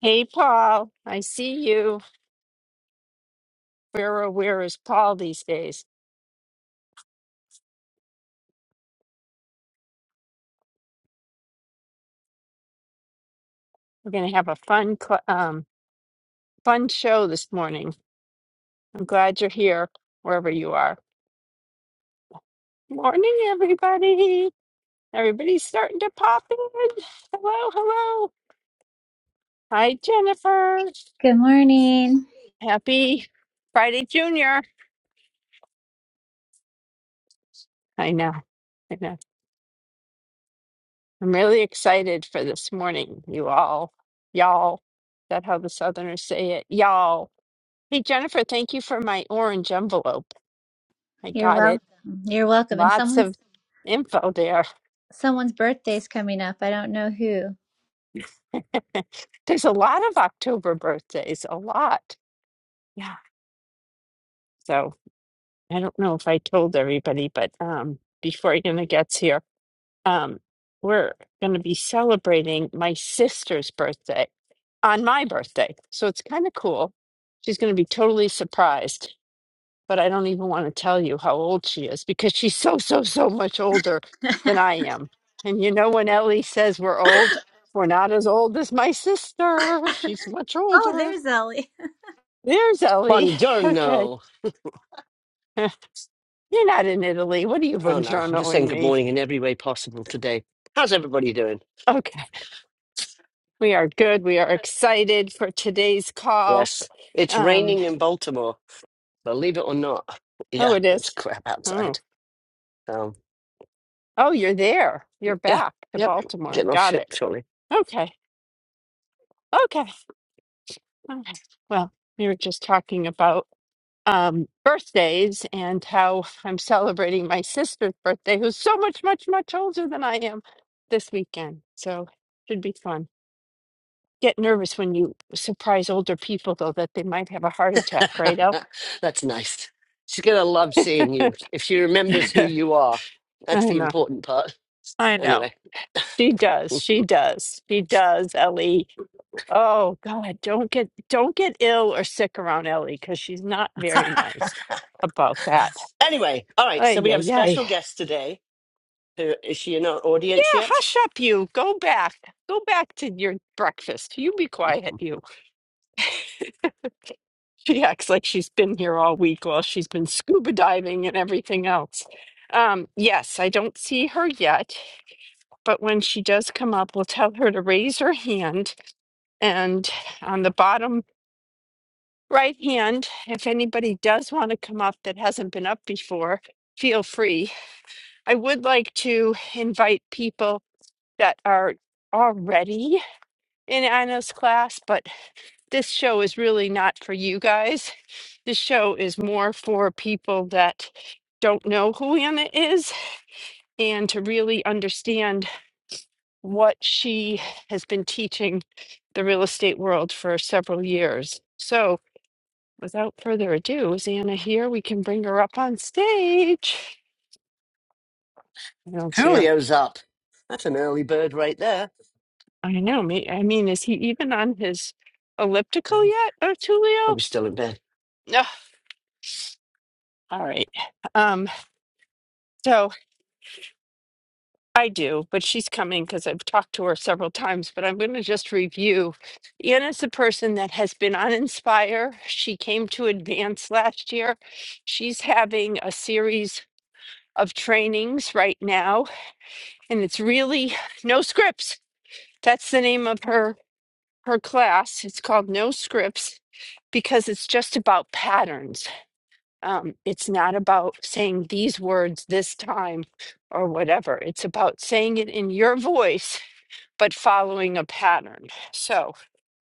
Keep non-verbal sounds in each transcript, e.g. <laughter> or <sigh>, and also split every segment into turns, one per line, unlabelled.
Hey, Paul, I see you. Where, oh, where is Paul these days? We're going to have a fun, cl- um, fun show this morning. I'm glad you're here, wherever you are. Morning, everybody. Everybody's starting to pop in. Hello, hello. Hi, Jennifer.
Good morning.
Happy Friday, Junior. I know. I know. I'm really excited for this morning. You all, y'all. Is that how the Southerners say it? Y'all. Hey, Jennifer, thank you for my orange envelope. I
You're
got
welcome.
it.
You're welcome. And
Lots
someone's
of info there.
someone's birthday's coming up. I don't know who.
<laughs> There's a lot of October birthdays, a lot. Yeah. So I don't know if I told everybody, but um, before Anna gets here, um, we're going to be celebrating my sister's birthday on my birthday. So it's kind of cool. She's going to be totally surprised. but I don't even want to tell you how old she is because she's so, so, so much older
<laughs>
than I am. And you know, when Ellie says we're old, we're not as old as my sister. She's much
oh,
older.
there's Ellie.
There's Ellie. Okay.
Buongiorno.
<laughs> You're not in Italy. What are you
Oh no, I'm just
buongiornoing
saying good
me?
morning in every way possible today. How's everybody doing?
Okay. We are good. We are excited for today's call.
Yes, it's
Um,
raining in Baltimore, believe it or not.
oh,
Yeah,
it
it's
is.
crap
Oh,
outside. Um,
oh, you're there. You're
yeah,
back to
yep,
Baltimore.
getting off
Got
ship
it.
shortly.
Okay. Okay. All right. Well, we were just talking about um, birthdays and how I'm celebrating my sister's birthday, who's so much, much, much older than I am this weekend. So should be fun. Get nervous when you surprise older people, though, that they might have a heart attack, right, El?
<laughs> That's nice. She's gonna love seeing you if she
<laughs>
remembers who
I
you are. That's the
know.
important part.
I know.
Anyway,
She does. She does. She does, Ellie. Oh God, don't get don't get ill or sick around Ellie because she's not very nice about that.
anyway, all right. So
Ay,
we have a
yeah,
special guest today. Who is she in our
Yeah,
audience yet?
hush up, you. Go back. Go back to your breakfast. You be quiet, you.
<laughs>
<laughs> She acts like she's been here all week while she's been scuba diving and everything else. Um, yes, I don't see her yet, but when she does come up, we'll tell her to raise her hand. And on the bottom right hand, if anybody does want to come up that hasn't been up before, feel free. I would like to invite people that are already in Anna's class, but this show is really not for you guys. This show is more for people that don't know who Anna is and to really understand what she has been teaching the real estate world for several years. So, without further ado, is Anna here? We can bring her up on stage. I don't see her.
Julio's up. That's an early bird right there.
I know. Me. I mean, is he even on his elliptical yet, Tulio?
I'm still in bed.
No. All right. Um. So. I do, but she's coming because I've talked to her several times. But I'm going to just review. Anna's the person that has been on Inspire. She came to Advance last year. She's having a series of trainings right now, and it's really no scripts. That's the name of her her class. It's called No Scripts because it's just about patterns. Um, it's not about saying these words this time or whatever. It's about saying it in your voice but following a pattern. So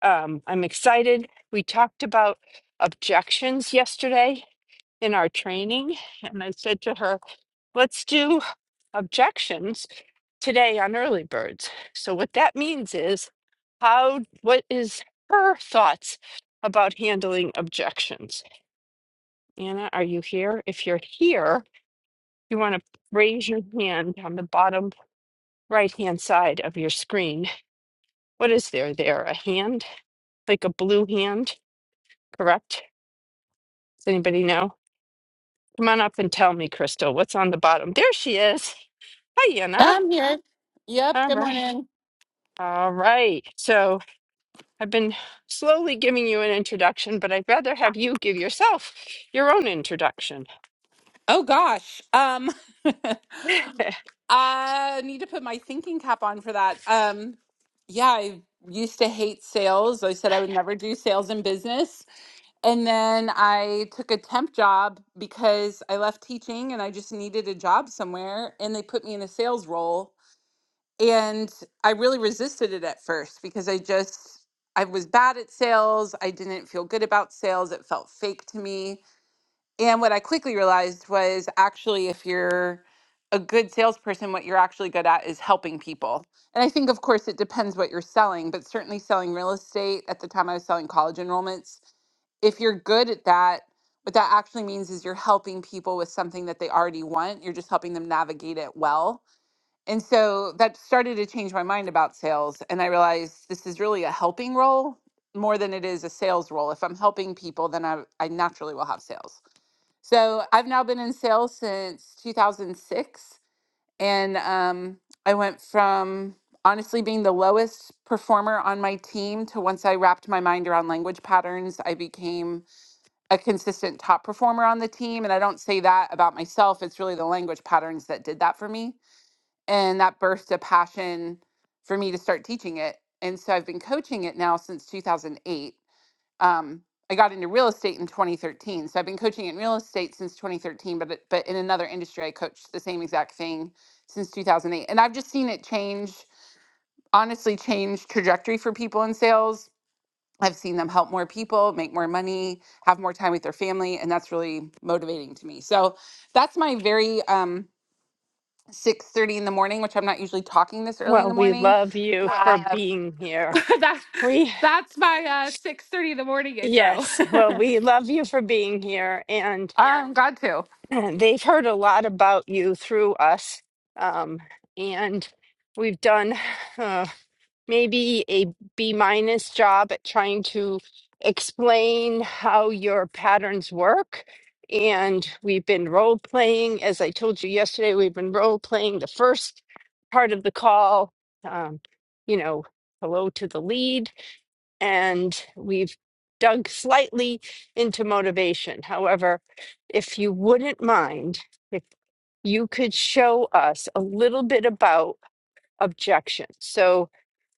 um, I'm excited. We talked about objections yesterday in our training, and I said to her, let's do objections today on early birds. So, what that means is, how, what is her thoughts about handling objections? Anna, are you here? If you're here, you want to raise your hand on the bottom right hand side of your screen. What is there there? A hand? like a blue hand, correct? Does anybody know? Come on up and tell me, Crystal, what's on the bottom? There she is. Hi, Anna.
I'm here. Yep.
All
Good
right.
morning.
All right. So I've been slowly giving you an introduction, but I'd rather have you give yourself your own introduction.
Oh gosh. Um <laughs>
<laughs>
I need to put my thinking cap on for that. Um yeah, I used to hate sales. I said I would never do sales in business. And then I took a temp job because I left teaching and I just needed a job somewhere and they put me in a sales role and I really resisted it at first because I just I was bad at sales. I didn't feel good about sales. It felt fake to me And what I quickly realized was actually, if you're a good salesperson, what you're actually good at is helping people. And I think, of course, it depends what you're selling, but certainly selling real estate at the time I was selling college enrollments, if you're good at that, what that actually means is you're helping people with something that they already want. You're just helping them navigate it well. And so that started to change my mind about sales. And I realized this is really a helping role more than it is a sales role. If I'm helping people, then I, I naturally will have sales. So I've now been in sales since 2006. And um, I went from honestly being the lowest performer on my team to once I wrapped my mind around language patterns, I became a consistent top performer on the team. And I don't say that about myself, it's really the language patterns that did that for me. And that birthed a passion for me to start teaching it. And so I've been coaching it now since 2008 um, I got into real estate in 2013. So I've been coaching in real estate since 2013, but it, but in another industry, I coached the same exact thing since 2008, and I've just seen it change. Honestly, change trajectory for people in sales. I've seen them help more people, make more money, have more time with their family, and that's really motivating to me. So that's my very um, 6:30 in the morning, which I'm not usually talking this early in
well,
the
we
morning.
love you for
Uh,
being here.
<laughs> that
We,
that's my uh 6 thirty in the morning intro
yes, well, we love you for being here. And
<laughs> I'm glad to.
<clears throat> they've heard a lot about you through us. Um, and we've done. uh, maybe a B minus job at trying to explain how your patterns work. And we've been role playing, as I told you yesterday, we've been role playing the first part of the call, um, you know, hello to the lead. And we've dug slightly into motivation. However, if you wouldn't mind, if you could show us a little bit about objections. So,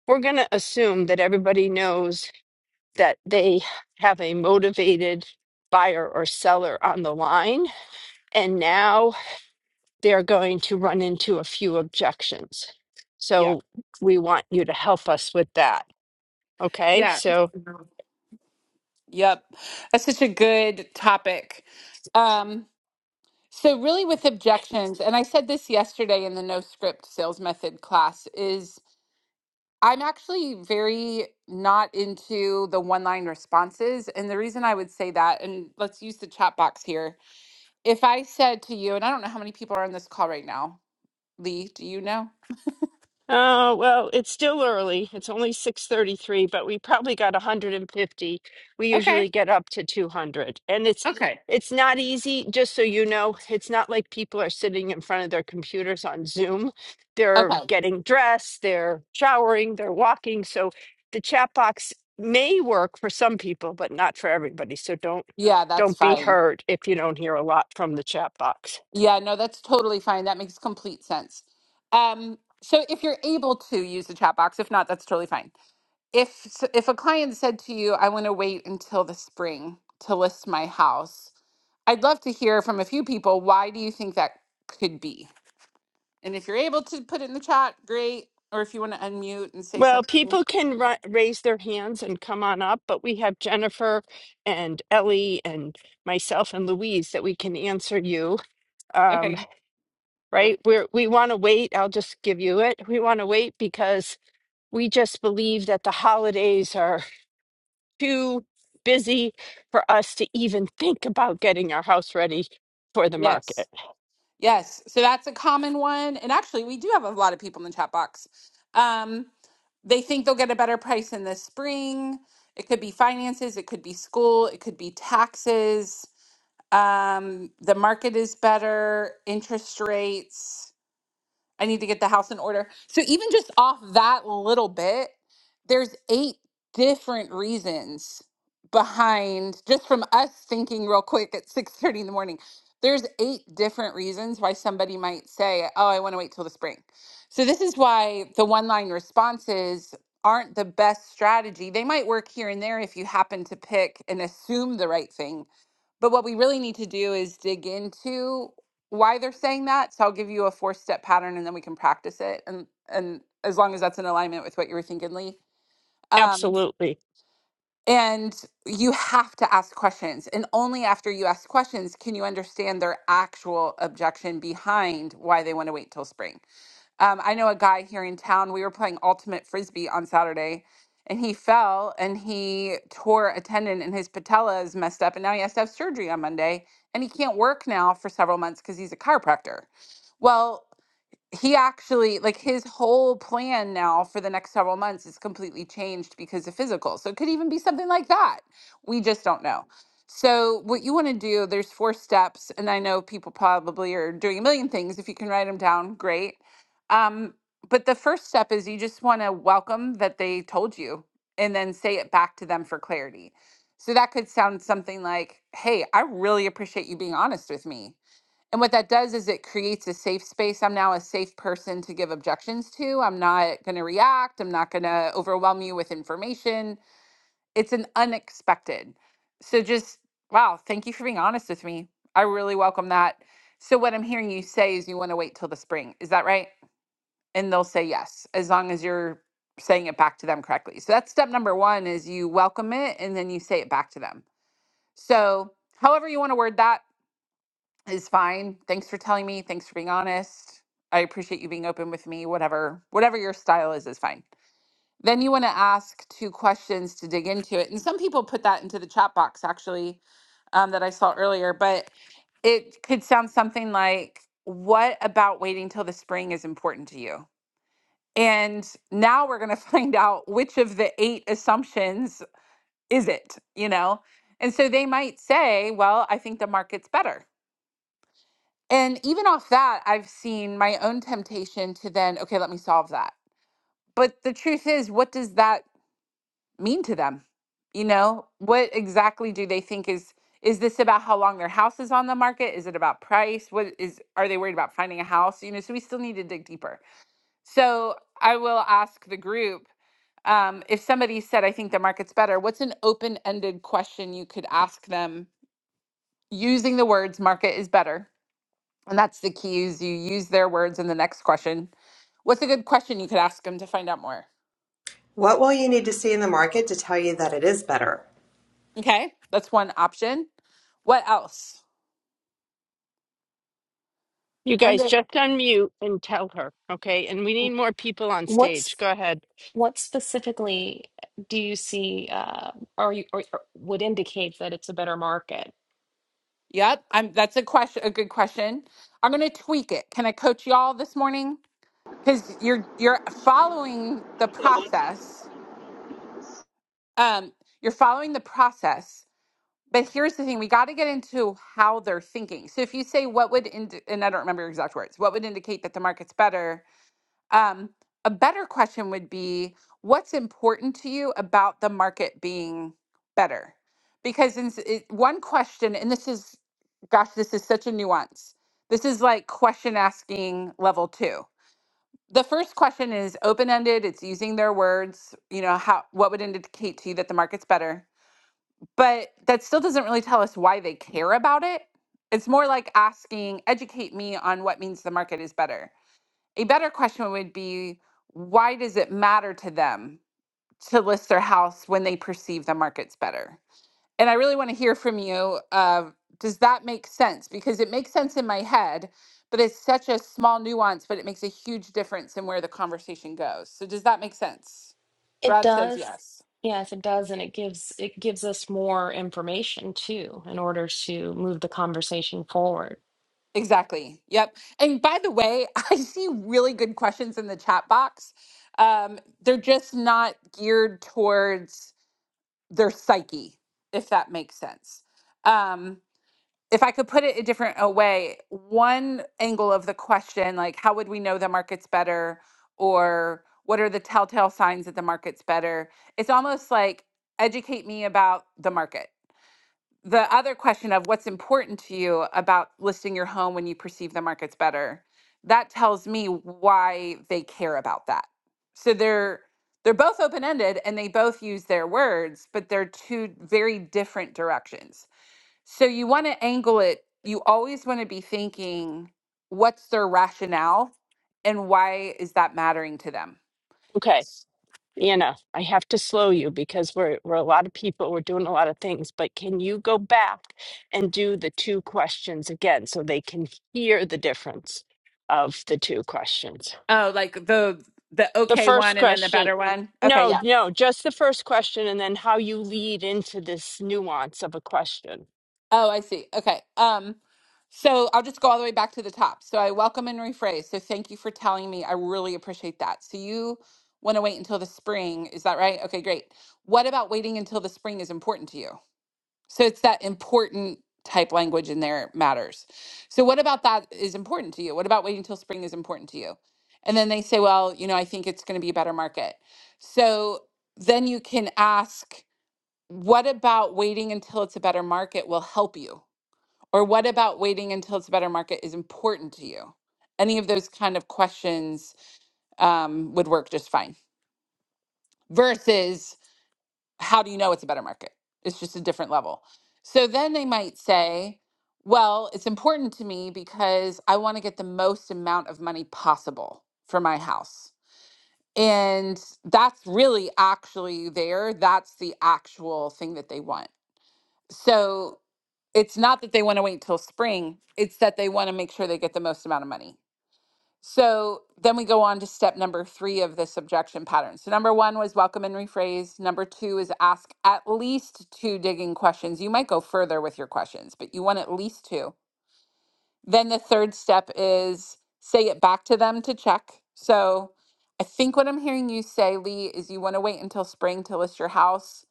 we're going to assume that everybody knows that they have a motivated buyer or seller on the line, and now they're going to run into a few objections.
Yeah.
So we want you to help us with that. Okay.
Yeah.
So
Yep. That's such a good topic. Um, so really with objections, and I said this yesterday in the no script sales method class, is I'm actually very not into the one-line responses. And the reason I would say that, and let's use the chat box here. If I said to you, and I don't know how many people are on this call right now, Lee, do you know?
Oh, well, it's still early. It's only 6:33, but we probably got 150. We
Okay.
usually get up to 200. And it's
Okay.
it's not easy, just so you know. It's not like people are sitting in front of their computers on Zoom. They're
Okay.
getting dressed, they're showering, they're walking. So the chat box may work for some people, but not for everybody. So don't
Yeah, that's
don't be
fine.
hurt if you don't hear a lot from the chat box.
Yeah, no, that's totally fine. That makes complete sense. Um, so if you're able to use the chat box, if not, that's totally fine. If s- if a client said to you, "I want to wait until the spring to list my house," I'd love to hear from a few people. Why do you think that could be? And if you're able to put it in the chat, great. Or if you want to unmute and say
Well,
something,
people can ri- raise their hands and come on up, but we have Jennifer and Ellie and myself and Louise that we can answer you. um,
okay,
right?
perfect.
We're, we want to wait. I'll just give you it. We want to wait because we just believe that the holidays are <laughs> too busy for us to even think about getting our house ready for the
Yes.
market.
Yes, so that's a common one. And actually, we do have a lot of people in the chat box. Um, they think they'll get a better price in the spring. It could be finances, it could be school, it could be taxes. Um, the market is better, interest rates. I need to get the house in order. So even just off that little bit, there's eight different reasons behind just from us thinking real quick at 6:30 in the morning. There's eight different reasons why somebody might say, "Oh, I want to wait till the spring." So this is why the one-line responses aren't the best strategy. They might work here and there if you happen to pick and assume the right thing. But what we really need to do is dig into why they're saying that. So I'll give you a four step pattern and then we can practice it. And and as long as that's in alignment with what you were thinking, Lee. Um,
Absolutely.
and you have to ask questions. And only after you ask questions can you understand their actual objection behind why they want to wait till spring. Um, I know a guy here in town. We were playing ultimate frisbee on Saturday, and he fell and he tore a tendon, and his patella is messed up, and now he has to have surgery on Monday, and he can't work now for several months because he's a chiropractor. Well, he actually like his whole plan now for the next several months is completely changed because of physical. So it could even be something like that. We just don't know. So what you want to do, there's four steps, and I know people probably are doing a million things. If you can write them down, great. Um, but the first step is you just want to welcome that they told you and then say it back to them for clarity. So that could sound something like, Hey, I really appreciate you being honest with me. And what that does is it creates a safe space. I'm now a safe person to give objections to. I'm not going to react. I'm not going to overwhelm you with information. It's an unexpected. So just, wow, thank you for being honest with me. I really welcome that. So, what I'm hearing you say is you want to wait till the spring. Is that right? And they'll say yes, as long as you're saying it back to them correctly. So, that's step number one is you welcome it and then you say it back to them. So, however you want to word that, is fine. Thanks for telling me. Thanks for being honest. I appreciate you being open with me. Whatever, whatever your style is, is fine. Then you want to ask two questions to dig into it. And some people put that into the chat box actually um, that I saw earlier, but it could sound something like, What about waiting till the spring is important to you? And now we're going to <laughs> find out which of the eight assumptions is it, you know? And so they might say, Well, I think the market's better. And even off that, I've seen my own temptation to then, okay, let me solve that. But the truth is, what does that mean to them? You know, what exactly do they think is is this about how long their house is on the market? Is it about price? What is are they worried about finding a house? You know, so we still need to dig deeper. So I will ask the group um, if somebody said, I think the market's better, what's an open ended question you could ask them using the words market is better? And that's the key is you use their words in the next question. What's a good question you could ask them to find out more?
What will you need to see in the market to tell you that it is better?
Okay. That's one option. What else?
You guys
Linda.
just unmute and tell her, okay? And we need more people on stage.
What's
Go ahead.
what specifically do you see uh, or you or, or would indicate that it's a better market?
Yep. I'm that's a question a good question. I'm gonna tweak it. Can I coach y'all this morning? Because you're you're following the process. Um, you're following the process. But here's the thing, we got to get into how they're thinking. So if you say what would indi- and I don't remember your exact words, what would indicate that the market's better Um, a better question would be what's important to you about the market being better? Because in, s- it, one question, and this is, gosh, this is such a nuance. This is like question asking level two. The first question is open ended. It's using their words. You know how what would indicate to you that the market's better, but that still doesn't really tell us why they care about it. It's more like asking, educate me on what means the market is better a better question would be why does it matter to them to list their house when they perceive the market's better? And I really want to hear from you. Uh, does that make sense? Because it makes sense in my head, but it's such a small nuance, but it makes a huge difference in where the conversation goes. So, does that make sense?
It
Brad says
does.
yes.
Yes, it does, and it gives it gives us more information too in order to move the conversation forward.
Exactly. Yep. And by the way, <laughs> I see really good questions in the chat box. Um, they're just not geared towards their psyche, if that makes sense. Um, if I could put it a different a way, one angle of the question, like how would we know the market's better, or what are the telltale signs that the market's better? It's almost like educate me about the market the other question of what's important to you about listing your home when you perceive the market's better that tells me why they care about that so they're they're both open-ended and they both use their words but they're two very different directions so you want to angle it you always want to be thinking what's their rationale and why is that mattering to them
Okay. Anna, I have to slow you because we're we're a lot of people, we're doing a lot of things, but can you go back and do the two questions again so they can hear the difference of the two questions?
oh like the the
The
okay one
first
and then the
question,
better one okay yeah
no, no, just the first question and then how you lead into this nuance of a question.
Oh, I see. Okay. Um, so I'll just go all the way back to the top. So I welcome and rephrase. So thank you for telling me. I really appreciate that. So you want to wait until the spring. Is that right? Okay, great. What about waiting until the spring is important to you? So it's that important type language in there matters. So what about that is important to you? What about waiting until spring is important to you? And then they say, well, you know, I think it's going to be a better market. So then you can ask, what about waiting until it's a better market will help you? Or what about waiting until it's a better market is important to you? Any of those kind of questions um, would work just fine. Versus, how do you know it's a better market? It's just a different level. So then they might say, well, it's important to me because I want to get the most amount of money possible for my house. And that's really actually there. That's the actual thing that they want. So it's not that they want to wait till spring, it's that they want to make sure they get the most amount of money. So then we go on to step number three of this objection pattern. So, number one was welcome and rephrase. Number two is ask at least two digging questions. You might go further with your questions, but you want at least two. Then the third step is say it back to them to check. So, I think what I'm hearing you say, Lee, is you want to wait until spring to list your house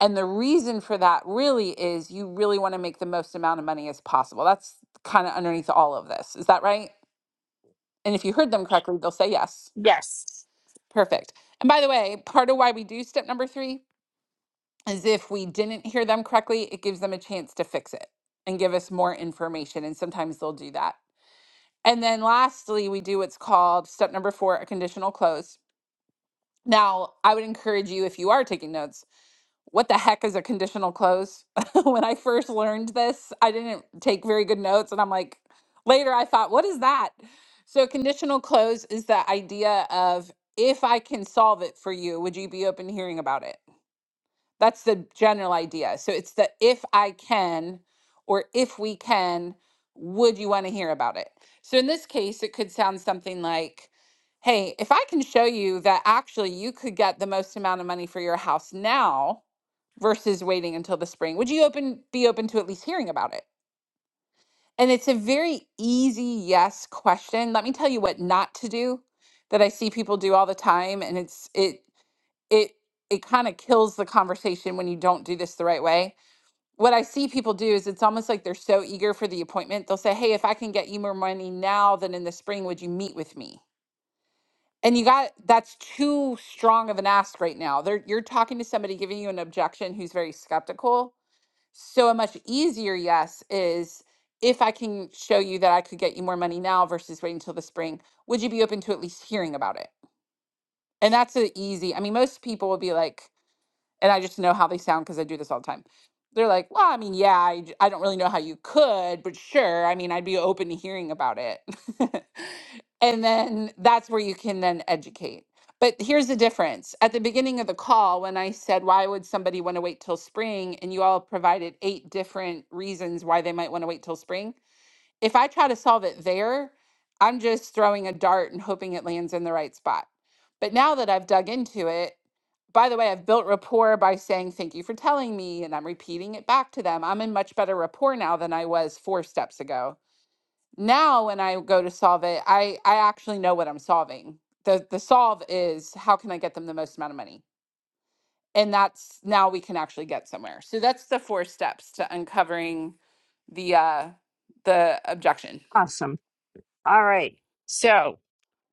and the reason for that really is you really want to make the most amount of money as possible. That's kind of underneath all of this. Is that right? And if you heard them correctly, they'll say yes.
Yes.
Perfect. And by the way, part of why we do step number three is if we didn't hear them correctly, it gives them a chance to fix it and give us more information. And sometimes they'll do that. And then lastly, we do what's called step number four, a conditional close. Now, I would encourage you, if you are taking notes, what the heck is a conditional close? <laughs> when I first learned this, I didn't take very good notes. And I'm like, later I thought, what is that? So, conditional close is the idea of if I can solve it for you, would you be open to hearing about it? That's the general idea. So, it's the if I can or if we can, would you want to hear about it? So, in this case, it could sound something like, Hey, if I can show you that actually you could get the most amount of money for your house now, versus waiting until the spring? Would you open be open to at least hearing about it? And it's a very easy yes question. Let me tell you what not to do that I see people do all the time and it's it it it kind of kills the conversation when you don't do this the right way. What I see people do is it's almost like they're so eager for the appointment. They'll say, "Hey, if I can get you more money now than in the spring, would you meet with me?" And you got that's too strong of an ask right now. They're you're talking to somebody giving you an objection who's very skeptical so a much easier yes is if I can show you that I could get you more money now versus waiting till the spring, would you be open to at least hearing about it? And that's an easy. I mean, most people will be like, and I just know how they sound because I do this all the time. They're like, well, I mean, yeah, I, j- I don't really know how you could, but sure. I mean, I'd be open to hearing about it. <laughs> and then that's where you can then educate. But here's the difference. At the beginning of the call, when I said, why would somebody want to wait till spring? And you all provided eight different reasons why they might want to wait till spring if I try to solve it there, I'm just throwing a dart and hoping it lands in the right spot. But now that I've dug into it, by the way, I've built rapport by saying, Thank you for telling me, and I'm repeating it back to them. I'm in much better rapport now than I was four steps ago. Now, when I go to solve it, I, I actually know what I'm solving. The, the solve is how can I get them the most amount of money? And that's now we can actually get somewhere. So that's the four steps to uncovering the uh, the objection.
Awesome. All right. So,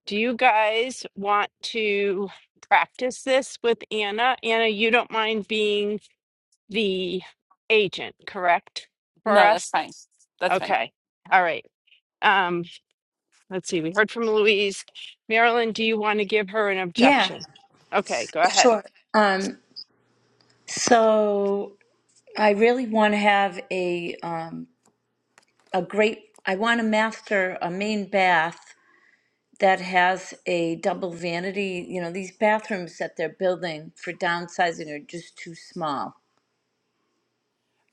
do you guys want to practice this with Anna? Anna, you don't mind being the agent, correct? For
No, that's
us?
fine. That's fine.
Okay. All right. Um, let's see. We heard from Louise. Marilyn, do you want to give her an
Yeah,
objection? Okay, go ahead.
sure. Um, so I really want to have a um, a great. I want to master a main bath that has a double vanity. You know, these bathrooms that they're building for downsizing are just too small.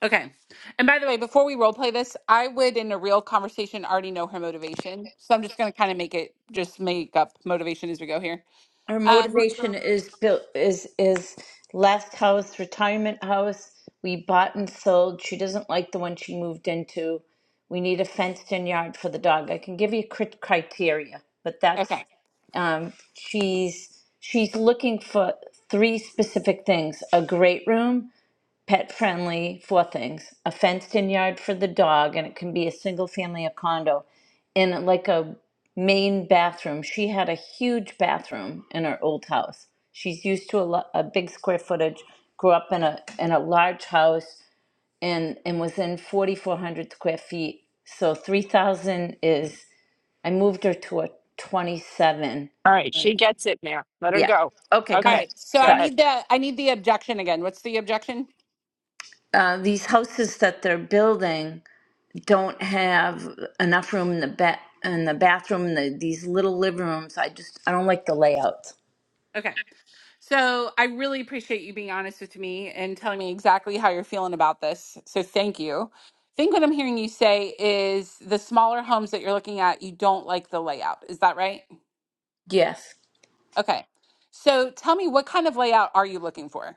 Okay. And by the way, before we role play this, I would, in a real conversation, already know her motivation. So I'm just going to kind of make it, just make up motivation as we go here.
Our
Um,
motivation
Mhm.
is built is is last house, retirement house. We bought and sold. She doesn't like the one she moved into. We need a fenced in yard for the dog. I can give you crit- criteria, but that's
okay.
um, she's she's looking for three specific things: a great room, pet friendly, four things a fenced in yard for the dog, and it can be a single family a condo, and like a main bathroom. She had a huge bathroom in her old house. She's used to a, lo- a big square footage, grew up in a, in a large house, and, and was in 4,400 square feet. So 3,000 is, I moved her to a 27.
All right. She gets it, Mayor. Let her
Yeah.
go.
Okay, go
All
Okay,
ahead.
right. So
go
I
Sorry.
ahead.
need the, I need the objection again. What's the objection?
Uh, these houses that they're building don't have enough room in the ba- in the bathroom. in The, these little living rooms, I just I don't like the layouts.
Okay. So I really appreciate you being honest with me and telling me exactly how you're feeling about this. So thank you. I think what I'm hearing you say is the smaller homes that you're looking at, you don't like the layout. Is that right?
Yes,
Okay. So tell me what kind of layout are you looking for?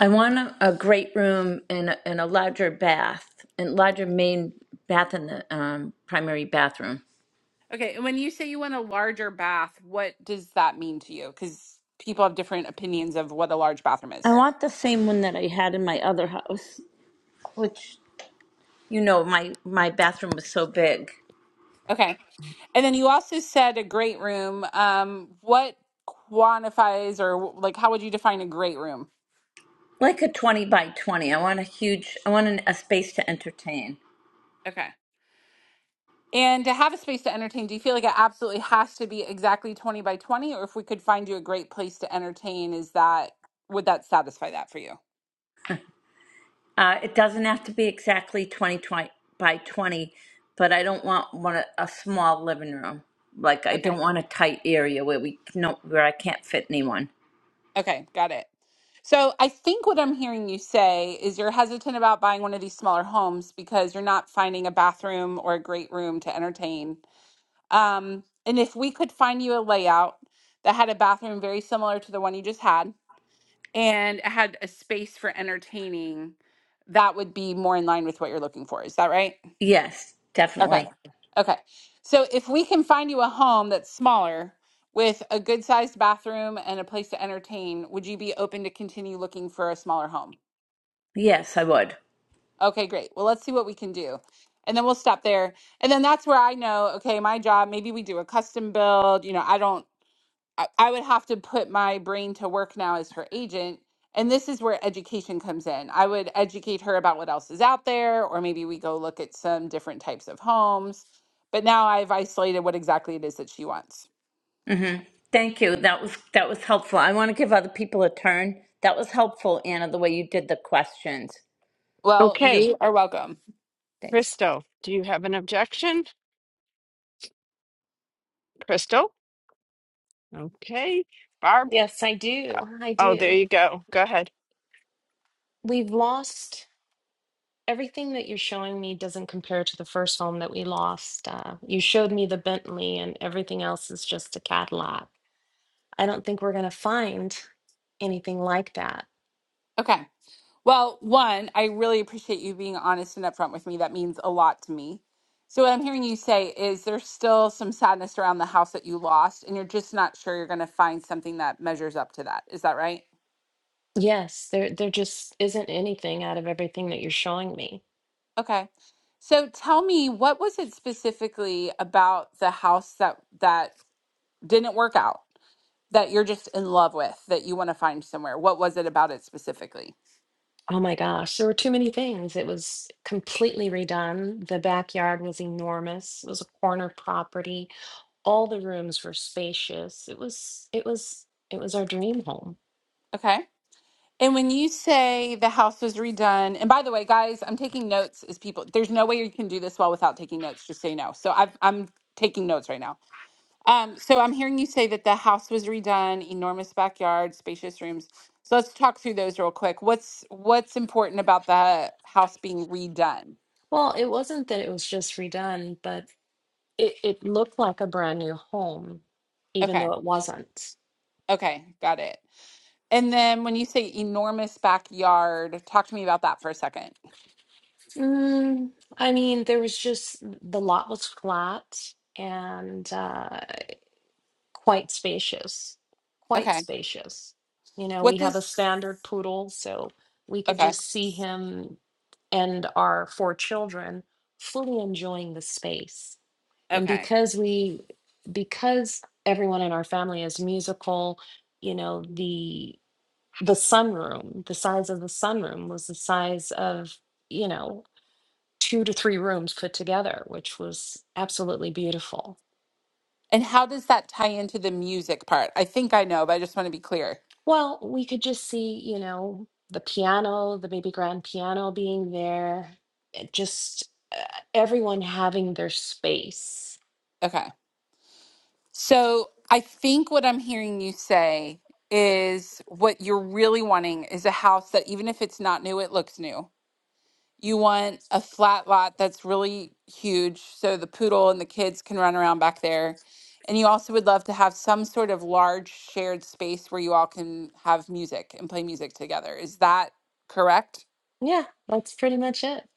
I want a, a great room and a, and a larger bath and larger main bath in the um, primary bathroom.
Okay, and when you say you want a larger bath, what does that mean to you? Because people have different opinions of what a large bathroom
I
is.
want the same one that I had in my other house, which you know my my bathroom was so big,
Okay. And then you also said a great room. Um, what quantifies or like how would you define a great room?
like a twenty by twenty. I want a huge. I want an, a space to entertain.
Okay. And to have a space to entertain, do you feel like it absolutely has to be exactly 20 by 20? Or if we could find you a great place to entertain, is that, would that satisfy that for you?
Uh, it doesn't have to be exactly 20 20 by 20, but I don't want one a a small living room. Like I
Okay.
don't want a tight area where we no where I can't fit anyone.
Okay, got it. So I think what I'm hearing you say is you're hesitant about buying one of these smaller homes because you're not finding a bathroom or a great room to entertain. Um, and if we could find you a layout that had a bathroom very similar to the one you just had and had a space for entertaining, that would be more in line with what you're looking for. Is that right?
Yes,
Okay.
definitely.
Okay. So if we can find you a home that's smaller with a good sized bathroom and a place to entertain, would you be open to continue looking for a smaller home?
Yes, I would.
Okay, great. Well, let's see what we can do. And then we'll stop there. And then that's where I know, okay, my job, maybe we do a custom build. You know, I don't I, I would have to put my brain to work now as her agent. And this is where education comes in. I would educate her about what else is out there, or maybe we go look at some different types of homes. But now I've isolated what exactly it is that she wants.
hmm Thank you. That was that was helpful. I want to give other people a turn. That was helpful, Anna, the way you did the questions.
Well,
Okay.
you are welcome.
Thanks.
Crystal, do you have an objection? Crystal? Okay. Barb?
Yes, I do. I
Oh, there
do.
you go. Go ahead.
We've lost everything that you're showing me doesn't compare to the first home that we lost. Uh, you showed me the Bentley, and everything else is just a Cadillac. I don't think we're going to find anything like that.
Okay. Well, one, I really appreciate you being honest and upfront with me. That means a lot to me. So, what I'm hearing you say is there's still some sadness around the house that you lost, and you're just not sure you're going to find something that measures up to that. Is that right?
Yes, there there just isn't anything out of everything that you're showing me.
Okay. So tell me, what was it specifically about the house that that didn't work out that you're just in love with that you want to find somewhere? What was it about it specifically?
Oh my gosh, there were too many things. It was completely redone. The backyard was enormous. It was a corner property. All the rooms were spacious. It was it was it was our dream home.
Okay. And when you say the house was redone, and by the way, guys, I'm taking notes as people. There's no way you can do this well without taking notes. Just so you know. So I've, I'm taking notes right now. Um, so I'm hearing you say that the house was redone, enormous backyard, spacious rooms. So let's talk through those real quick. What's what's important about the house being redone?
Well, it wasn't that it was just redone, but it, it looked like a brand new home, even
Okay,
though it wasn't.
okay, got it. And then when you say enormous backyard, talk to me about that for a second.
Mm, I mean, there was just the lot was flat and uh quite spacious, quite
Okay,
spacious. You know,
what
we have a
this?
standard poodle, so we could
Okay,
just see him and our four children fully enjoying the space. And
okay.
because we, because everyone in our family is musical, you know, the the sunroom, the size of the sunroom was the size of, you know, two to three rooms put together, which was absolutely beautiful.
And how does that tie into the music part? I think I know, but I just want to be clear.
Well, we could just see, you know, the piano, the baby grand piano being there, it just uh, everyone having their space.
Okay. So I think what I'm hearing you say is what you're really wanting is a house that, even if it's not new, it looks new. You want a flat lot that's really huge so the poodle and the kids can run around back there. And you also would love to have some sort of large shared space where you all can have music and play music together. Is that correct?
Yeah, that's pretty much it.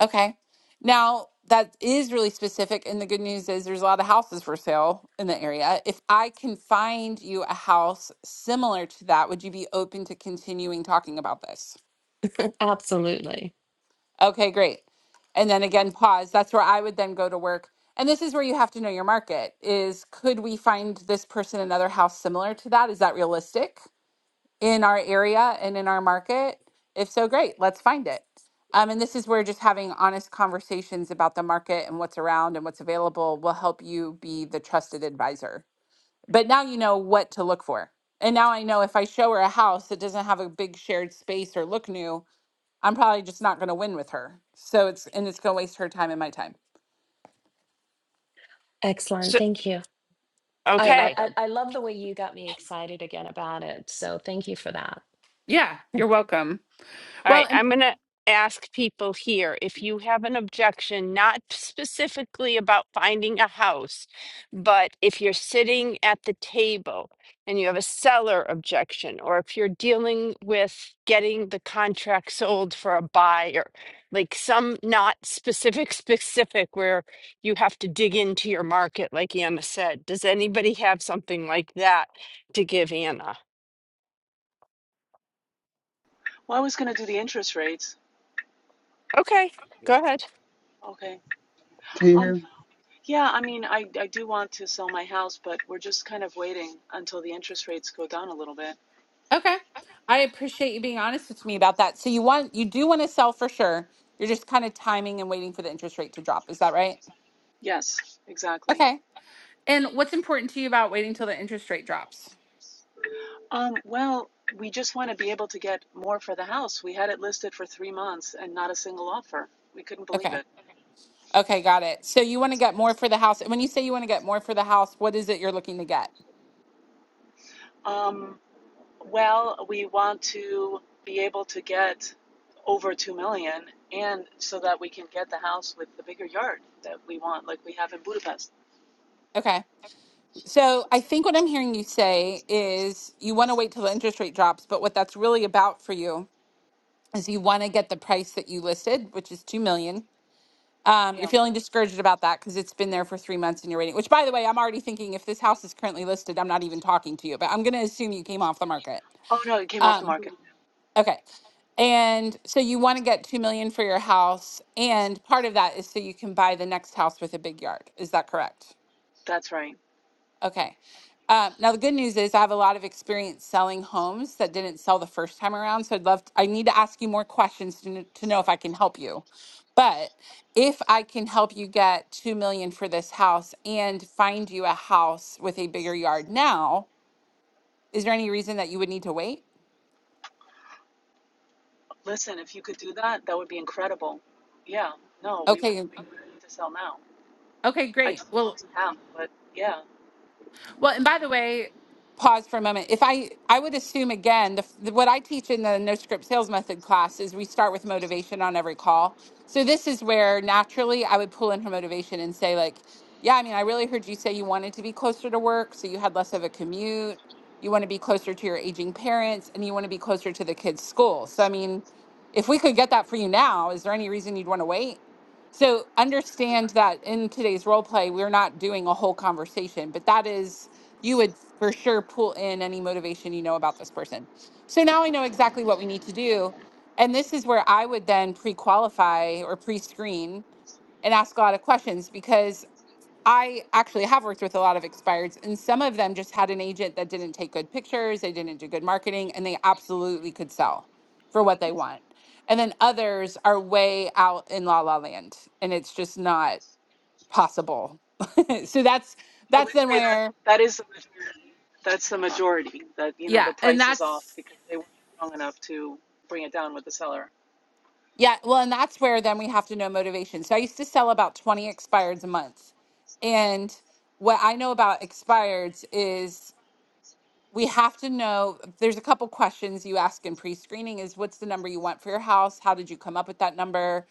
Okay. Now, that is really specific. And the good news is there's a lot of houses for sale in the area. If I can find you a house similar to that, would you be open to continuing talking about this?
Absolutely.
Okay, great. And then again, pause. That's where I would then go to work. And this is where you have to know your market is could we find this person another house similar to that? Is that realistic? in our area and in our market? If so, great, let's find it. Um, and this is where just having honest conversations about the market and what's around and what's available will help you be the trusted advisor. But now you know what to look for. And now I know if I show her a house that doesn't have a big shared space or look new, I'm probably just not going to win with her. So it's, and it's going to waste her time and my time.
Excellent.
So,
Thank you. I,
You're
I,
okay.
I
welcome.
I love the way you got me excited again about it. So thank you for that.
Yeah, you're welcome.
All
Well,
right,
and
I'm going to ask people here if you have an objection, not specifically about finding a house, but if you're sitting at the table and you have a seller objection, or if you're dealing with getting the contract sold for a buyer, like some not specific, <laughs> specific where you have to dig into your market, like Anna said. Does anybody have something like that to give Anna?
Well, I was going to do the interest rates.
Okay, go ahead.
Okay.
Can you hear me?
Um, yeah, I mean, I, I do want to sell my house, but we're just kind of waiting until the interest rates go down a little bit.
Okay. I appreciate you being honest with me about that. So you want you do want to sell for sure. You're just kind of timing and waiting for the interest rate to drop. Is that right?
Yes, exactly.
Okay. And what's important to you about waiting till the interest rate drops?
Um, well, we just want to be able to get more for the house. We had it listed for three months and not a single offer. We couldn't believe
Okay.
it.
Okay, got it. So you want to get more for the house. And when you say you want to get more for the house, what is it you're looking to get?
Um, well, we want to be able to get over two million, and so that we can get the house with the bigger yard that we want, like we have in Budapest.
Okay. So I think what I'm hearing you say is you want to wait till the interest rate drops, but what that's really about for you is you want to get the price that you listed, which is 2 million Um, you're
Yeah.
feeling discouraged about that because it's been there for three months and you're waiting. Which, by the way, I'm already thinking if this house is currently listed, I'm not even talking to you, but I'm going to assume you came off the market.
Oh no, it came off the
Um,
market.
Mhm. okay. And so you want to get 2 million for your house. And part of that is so you can buy the next house with a big yard. Is that correct?
That's right.
Okay. Um, now the good news is I have a lot of experience selling homes that didn't sell the first time around. So I'd love to, I need to ask you more questions to, kn- to know if I can help you. But if I can help you get two million for this house and find you a house with a bigger yard now, is there any reason that you would need to wait?
Listen, if you could do that, that would be incredible. Yeah. No, we would
Okay.
we would need to sell now.
Okay,
I
great.
just don't
Well,
have. but yeah.
Well, and by the way, pause for a moment. If I I would assume again, the, the, what I teach in the no script sales method class is we start with motivation on every call. So this is where naturally I would pull in her motivation and say like, yeah, I mean, I really heard you say you wanted to be closer to work, so you had less of a commute. You want to be closer to your aging parents and you want to be closer to the kids' school. So I mean, if we could get that for you now, is there any reason you'd want to wait? So understand that in today's role play, we're not doing a whole conversation, but that is you would for sure pull in any motivation you know about this person. So now I know exactly what we need to do. And this is where I would then pre qualify or pre screen and ask a lot of questions because I actually have worked with a lot of expireds, and some of them just had an agent that didn't take good pictures, they didn't do good marketing, and they absolutely could sell for what they want. And then others are way out in la la land, and it's just not possible. <laughs> so that's
I
that's
would
then
say that
where
that is the majority. That's the majority that, you know,
Yeah,
the
and
price is off
that's
because they weren't strong enough to bring it down with the seller.
yeah, well, and that's where then we have to know motivation. So I used to sell about 20 expireds a month. And what I know about expireds is we have to know there's a couple questions you ask in pre-screening is what's the number you want for your house? How did you come up with that number?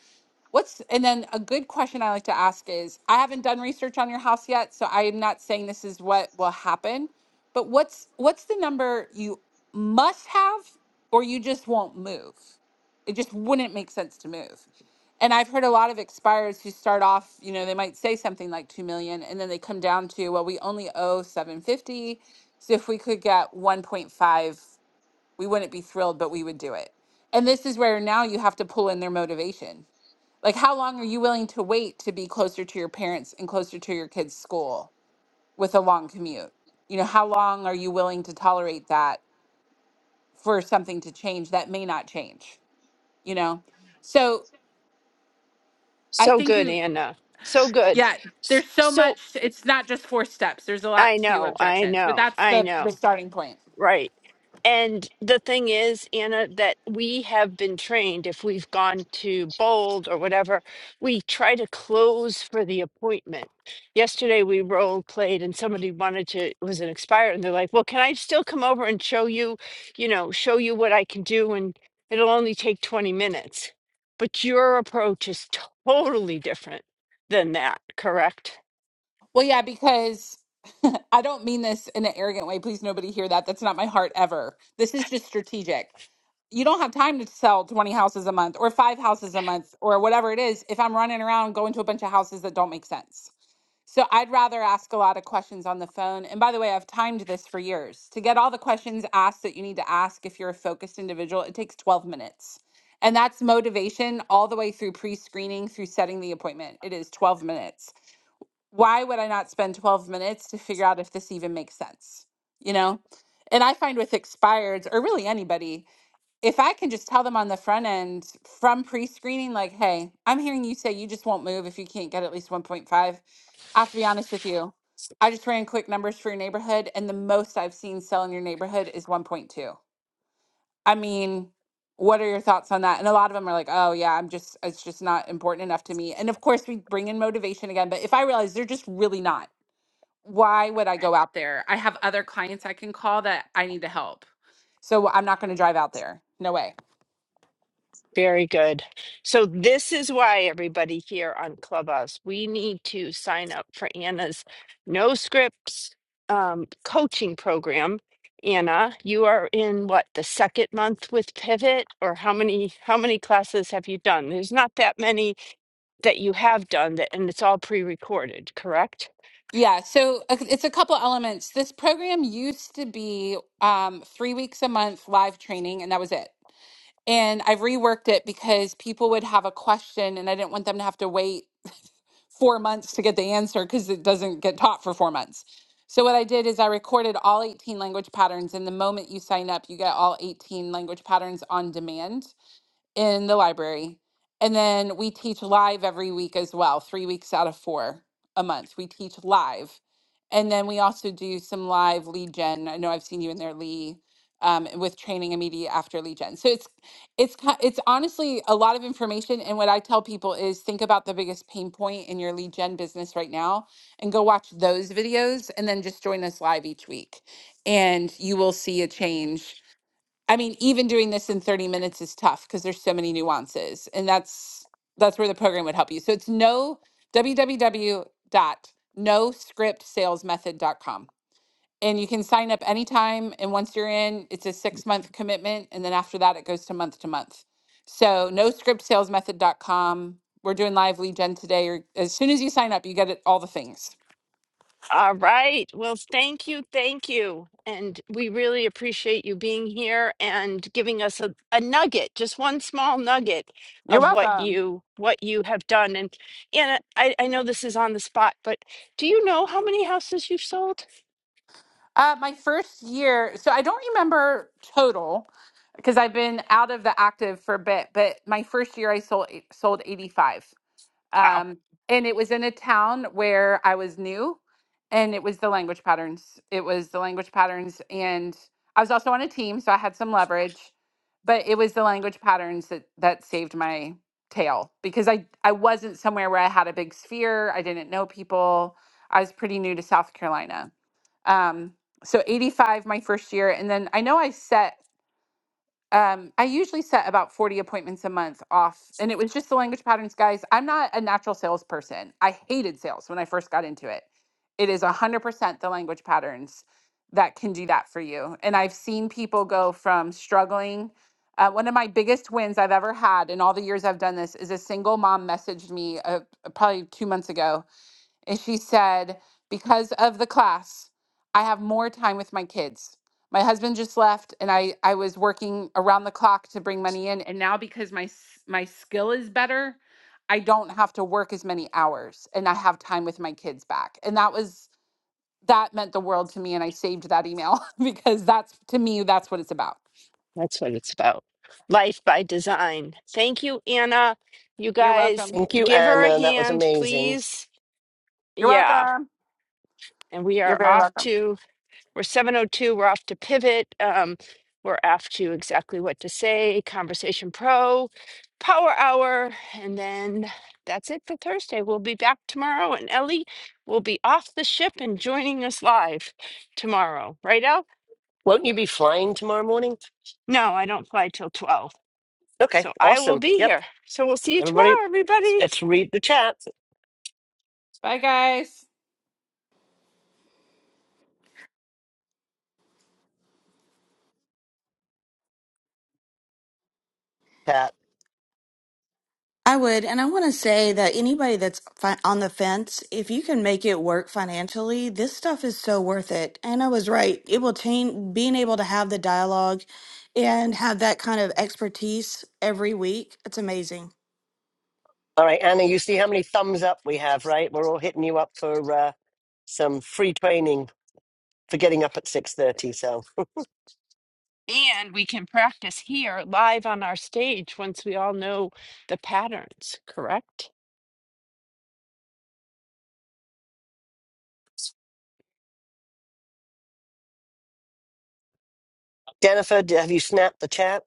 What's and then a good question I like to ask is I haven't done research on your house yet, so I am not saying this is what will happen, but what's what's the number you must have or you just won't move? It just wouldn't make sense to move. And I've heard a lot of expireds who start off, you know, they might say something like 2 million and then they come down to, well, we only owe 750. So if we could get 1.5, we wouldn't be thrilled, but we would do it. And this is where now you have to pull in their motivation like, how long are you willing to wait to be closer to your parents and closer to your kids' school with a long commute? You know, how long are you willing to tolerate that for something to change that may not change? You know, so I
So
think
good,
you,
Anna. So good.
Excellent.
yeah,
S-
there's so
So
much. It's not just four steps. There's a lot
I
to
know, I
objections, but
know,
that's
I
the
know.
the starting point.
Right. And the thing is, Anna, that we have been trained, if we've gone to Bold or whatever, we try to close for the appointment. Yesterday we role played and somebody wanted to, it was an expire, and they're like, well, can I still come over and show you, you know, show you what I can do? And it'll only take 20 minutes. But your approach is totally different than that, correct?
Well, yeah, because <laughs> I don't mean this in an arrogant way. Please, nobody hear that. That's not my heart ever. This is just strategic. You don't have time to sell 20 houses a month or five houses a month or whatever it is if I'm running around going to a bunch of houses that don't make sense. So I'd rather ask a lot of questions on the phone. And by the way, I've timed this for years. To get all the questions asked that you need to ask if you're a focused individual, it takes 12 minutes. And that's motivation all the way through pre screening, through setting the appointment. It is 12 minutes why would I not spend 12 minutes to figure out if this even makes sense? You know? And I find with expireds or really anybody, if I can just tell them on the front end from pre screening, like, hey, I'm hearing you say you just won't move if you can't get at least 1.5. I have to be honest with you. I just ran quick numbers for your neighborhood, and the most I've seen sell in your neighborhood is 1.2. I mean, what are your thoughts on that? And a lot of them are like, oh, yeah, I'm just, it's just not important enough to me. And of course, we bring in motivation again. But if I realize they're just really not, why would I go out there? I have other clients I can call that I need to help. So I'm not going to drive out there. No way.
Very good. So this is why everybody here on Clubhouse, we need to sign up for Anna's No Scripts um, coaching program. Anna, you are in what, the second month with Pivot or how many how many classes have you done? There's not that many that you have done that and it's all pre-recorded, correct?
Yeah. So uh, it's a couple elements. This program used to be um, three weeks a month live training, and that was it. And I've reworked it because people would have a question, and I didn't want them to have to wait four months to get the answer because it doesn't get taught for four months. So what I did is I recorded all 18 language patterns and the moment you sign up you get all 18 language patterns on demand in the library. And then we teach live every week as well, three weeks out of four a month. We teach live. And then we also do some live lead gen. I know I've seen you in there, Lee, um, with training immediately after lead gen. So it's it's ki- it's honestly a lot of information. And what I tell people is think about the biggest pain point in your lead gen business right now, and go watch those videos, and then just join us live each week, and you will see a change I mean, even doing this in 30 minutes is tough because there's so many nuances. And that's that's where the program would help you. So it's no dot dot no script sales method dot com, And you can sign up anytime. And once you're in, it's a six month commitment. And then after that, it goes to month to month. So no script sales method dot com. We're doing live lead gen today. Or as soon as you sign up, you get it, all the things.
All right. Well, thank you. Thank you. And we really appreciate you being here and giving us a, a nugget, just one small nugget
You're
of what
welcome.
you what you have done. And and I, I know this is on the spot, but do you know how many houses you've sold?
Uh, my first year, so I don't remember total because I've been out of the active for a bit, but my first year I sold sold 85.
Wow,
Um, and it was in a town where I was new, and it was the language patterns. It was the language patterns, and I was also on a team, so I had some leverage. But it was the language patterns that that saved my tail because I I wasn't somewhere where I had a big sphere. I didn't know people. I was pretty new to South Carolina. Um, so 85 my first year, and then I know I set um, I usually set about 40 appointments a month off. And it was just the language patterns, guys. I'm not a natural salesperson. I hated sales when I first got into it. It is 100% the language patterns that can do that for you. And I've seen people go from struggling. Uh, one of my biggest wins I've ever had in all the years I've done this is a single mom messaged me uh, probably two months ago and she said, Because of the class, I have more time with my kids. My husband just left and I, I was working around the clock to bring money in. And now because my s- my skill is better, I don't have to work as many hours and I have time with my kids back. And that was that meant the world to me. And I saved that email <laughs> because that's to me, that's what it's about.
that's what it's about. Life by design. Thank you, Anna. You
You're
guys
welcome.
Thank you,
give her a
Anna. That was
hand,
amazing.
please.
You're
Yeah.
welcome.
And we
You're
are
very
off
welcome.
to We're 702. We're off to Pivot. Um, we're off to exactly what to say, Conversation Pro, Power Hour. And then that's it for Thursday. We'll be back tomorrow, and Ellie will be off the ship and joining us live tomorrow. Right, El?
Won't you be flying tomorrow morning?
No, I don't fly till 12.
Okay,
So I will
awesome.
be
Yep.
here. So we'll see you
Everybody,
tomorrow, everybody.
let's read the chat.
Bye guys.
Chat.
I would, and I want to say that anybody that's fi- on the fence, if you can make it work financially, this stuff is so worth it. And I was right; it will change. Being able to have the dialogue and have that kind of expertise every week, it's amazing.
All right, Anna, you see how many thumbs up we have, right? We're all hitting you up for uh, some free training for getting up at 6.30. So,
And we can practice here live on our stage once we all know the patterns, correct?
Jennifer, d- have you snapped the chat?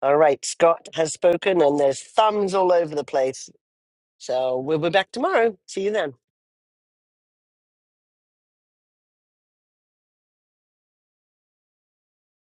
All right, Scott has spoken, and there's thumbs all over the place. So, we'll be back tomorrow. See you then.